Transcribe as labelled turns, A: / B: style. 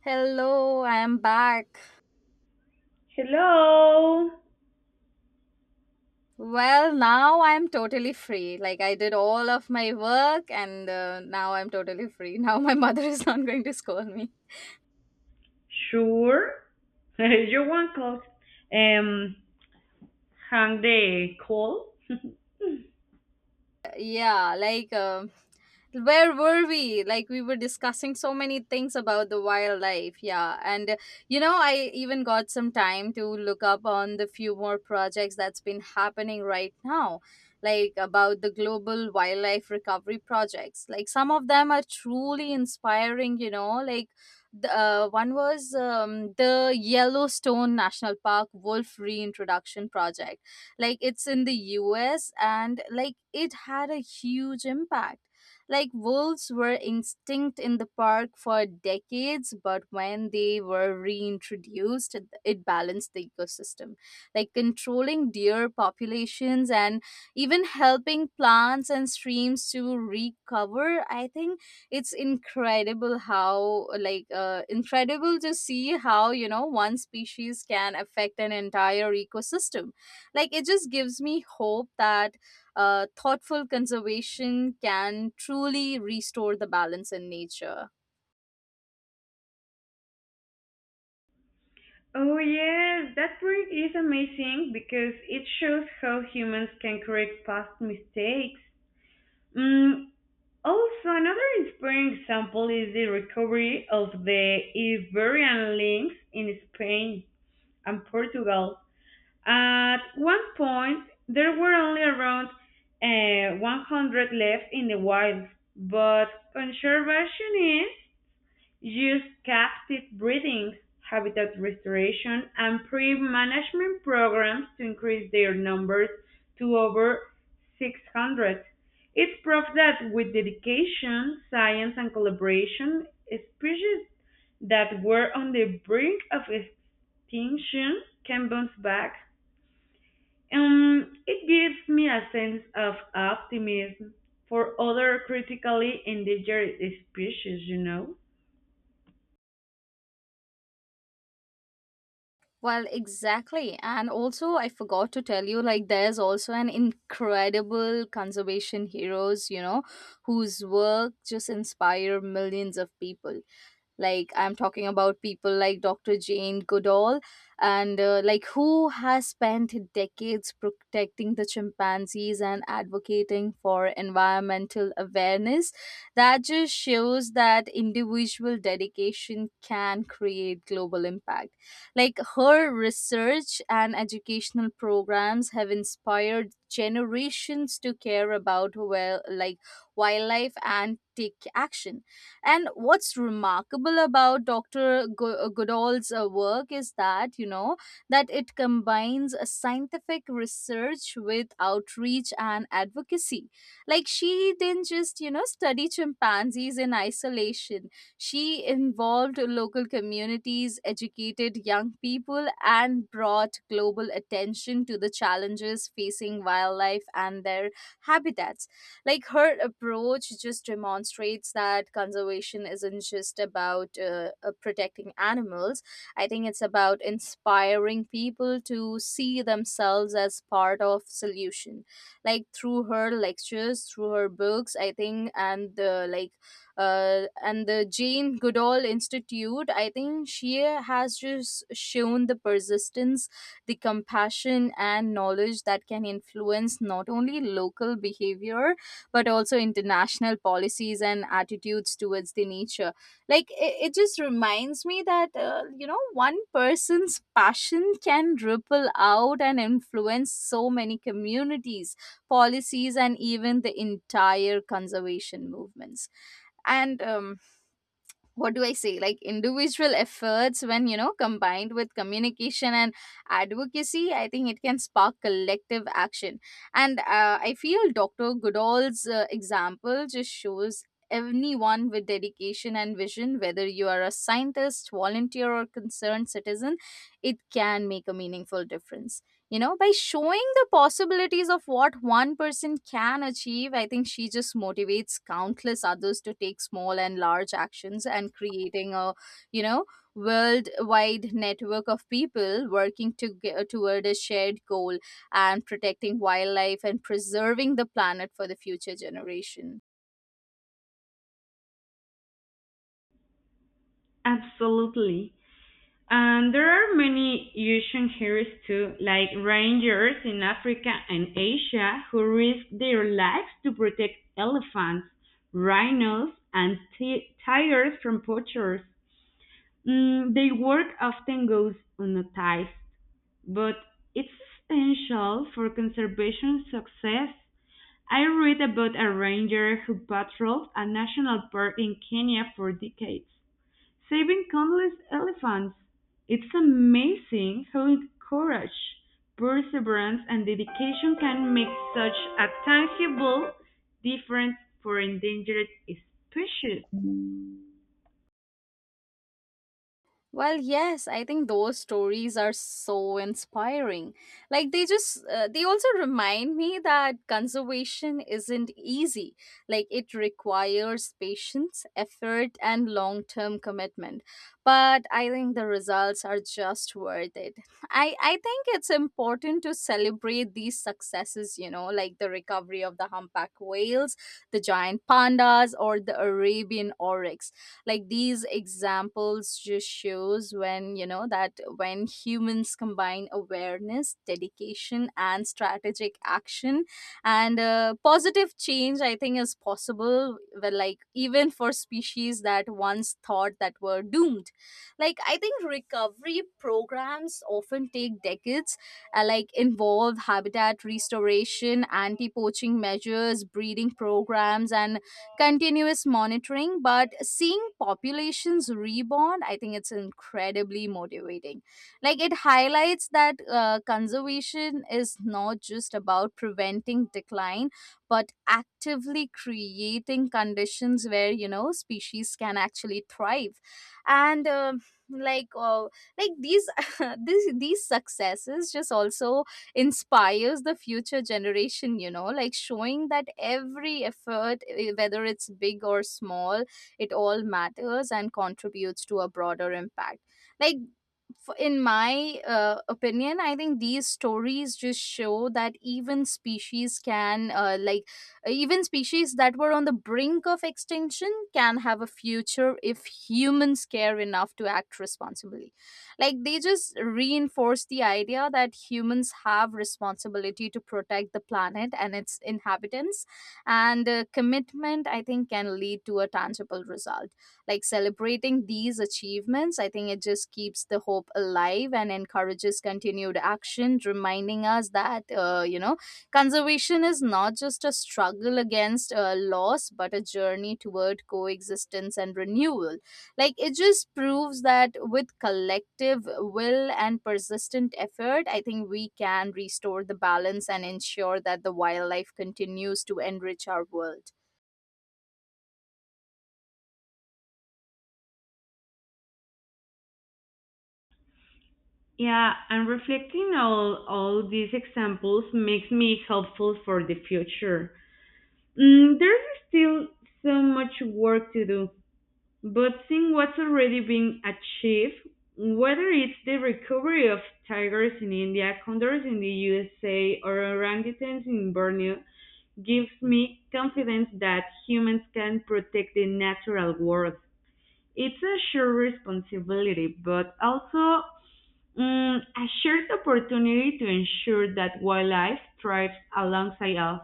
A: Hello, I am back.
B: Hello.
A: Well, now I am totally free. Like I did all of my work and now I'm totally free. Now my mother is not going to scold me.
B: Sure. You want clothes? Um, Hang the call.
A: Yeah. Where were we? Like, we were discussing so many things about the wildlife, yeah, and you know, I even got some time to look up on the few more projects that's been happening right now, like about the global wildlife recovery projects. Like, some of them are truly inspiring, you know, like the one was the Yellowstone National Park wolf reintroduction project. Like, it's in the US and like it had a huge impact. Like, wolves were extinct in the park for decades, but when they were reintroduced, it balanced the ecosystem. Like controlling deer populations and even helping plants and streams to recover, I think it's incredible how like incredible to see how, you know, one species can affect an entire ecosystem. Like, it just gives me hope that thoughtful conservation can truly restore the balance in nature.
B: Oh, yes, that book is amazing because it shows how humans can correct past mistakes. Mm, also, another inspiring example is the recovery of the Iberian links in Spain and Portugal. At one point, there were only around 100 left in the wild, but conservationists use captive breeding, habitat restoration, and pre-management programs to increase their numbers to over 600. It's proof that with dedication, science, and collaboration, species that were on the brink of extinction can bounce back. It gives me a sense of optimism for other critically endangered species, you know?
A: Well, exactly. And also, I forgot to tell you, like, there's also an incredible conservation heroes, you know, whose work just inspire millions of people. Like, I'm talking about people like Dr. Jane Goodall and like, who has spent decades protecting the chimpanzees and advocating for environmental awareness. That just shows that individual dedication can create global impact. Like, her research and educational programs have inspired generations to care about, well, like wildlife, and take action. And what's remarkable about Dr. Goodall's work is that, you know, that it combines a scientific research with outreach and advocacy. Like, she didn't just, you know, study chimpanzees in isolation. She involved local communities, educated young people, and brought global attention to the challenges facing wildlife and their habitats. Like, her approach just demonstrates that conservation isn't just about protecting animals. I think it's about inspiring people to see themselves as part of solution. Like, through her lectures, through her books, I think, and the like and the Jane Goodall Institute, I think she has just shown the persistence, the compassion, and knowledge that can influence not only local behavior but also international policies and attitudes towards the nature. Like it just reminds me that you know, one person's passion can ripple out and influence so many communities, policies, and even the entire conservation movements. And what do I say, like individual efforts, when you know, combined with communication and advocacy, I think it can spark collective action. And I feel Dr. Goodall's example just shows anyone with dedication and vision, whether you are a scientist, volunteer, or concerned citizen, it can make a meaningful difference. You know, by showing the possibilities of what one person can achieve, I think she just motivates countless others to take small and large actions, and creating a, you know, worldwide network of people working to, toward a shared goal, and protecting wildlife and preserving the planet for the future generation.
B: Absolutely. And there are many ocean heroes too, like rangers in Africa and Asia who risk their lives to protect elephants, rhinos, and tigers from poachers. Mm, their work often goes unnoticed, but it's essential for conservation success. I read about a ranger who patrolled a national park in Kenya for decades, saving countless elephants. It's amazing how courage, perseverance, and dedication can make such a tangible difference for endangered species.
A: Well, yes, I think those stories are so inspiring. Like, they just they also remind me that conservation isn't easy. Like, it requires patience, effort, and long-term commitment. But I think the results are just worth it. I think it's important to celebrate these successes, you know, like the recovery of the humpback whales, the giant pandas, or the Arabian oryx. Like, these examples just shows when you know, that when humans combine awareness, dedication, and strategic action and positive change, I think is possible. Well, like even for species that once thought that were doomed. Like, I think recovery programs often take decades, like involve habitat restoration, anti poaching measures, breeding programs, and continuous monitoring. But seeing populations reborn, I think it's incredibly motivating. Like, it highlights that conservation is not just about preventing decline, but actively creating conditions where, you know, species can actually thrive. And like uh, like these these successes just also inspires the future generation, you know, like showing that every effort, eh, whether it's big or small, it all matters and contributes to a broader impact. Like, in my opinion, I think these stories just show that even species that were on the brink of extinction can have a future if humans care enough to act responsibly. Like, they just reinforce the idea that humans have responsibility to protect the planet and its inhabitants. And commitment, I think, can lead to a tangible result. Like, celebrating these achievements, I think it just keeps the hope alive and encourages continued action, reminding us that you know, conservation is not just a struggle against loss, but a journey toward coexistence and renewal. Like, it just proves that with collective will and persistent effort, I think we can restore the balance and ensure that the wildlife continues to enrich our world.
B: Yeah, and reflecting all these examples makes me hopeful for the future. Mm, there's still so much work to do, but seeing what's already been achieved, whether it's the recovery of tigers in India, condors in the USA, or orangutans in Borneo, gives me confidence that humans can protect the natural world. It's a shared responsibility, but also mm, a shared opportunity to ensure that wildlife thrives alongside us.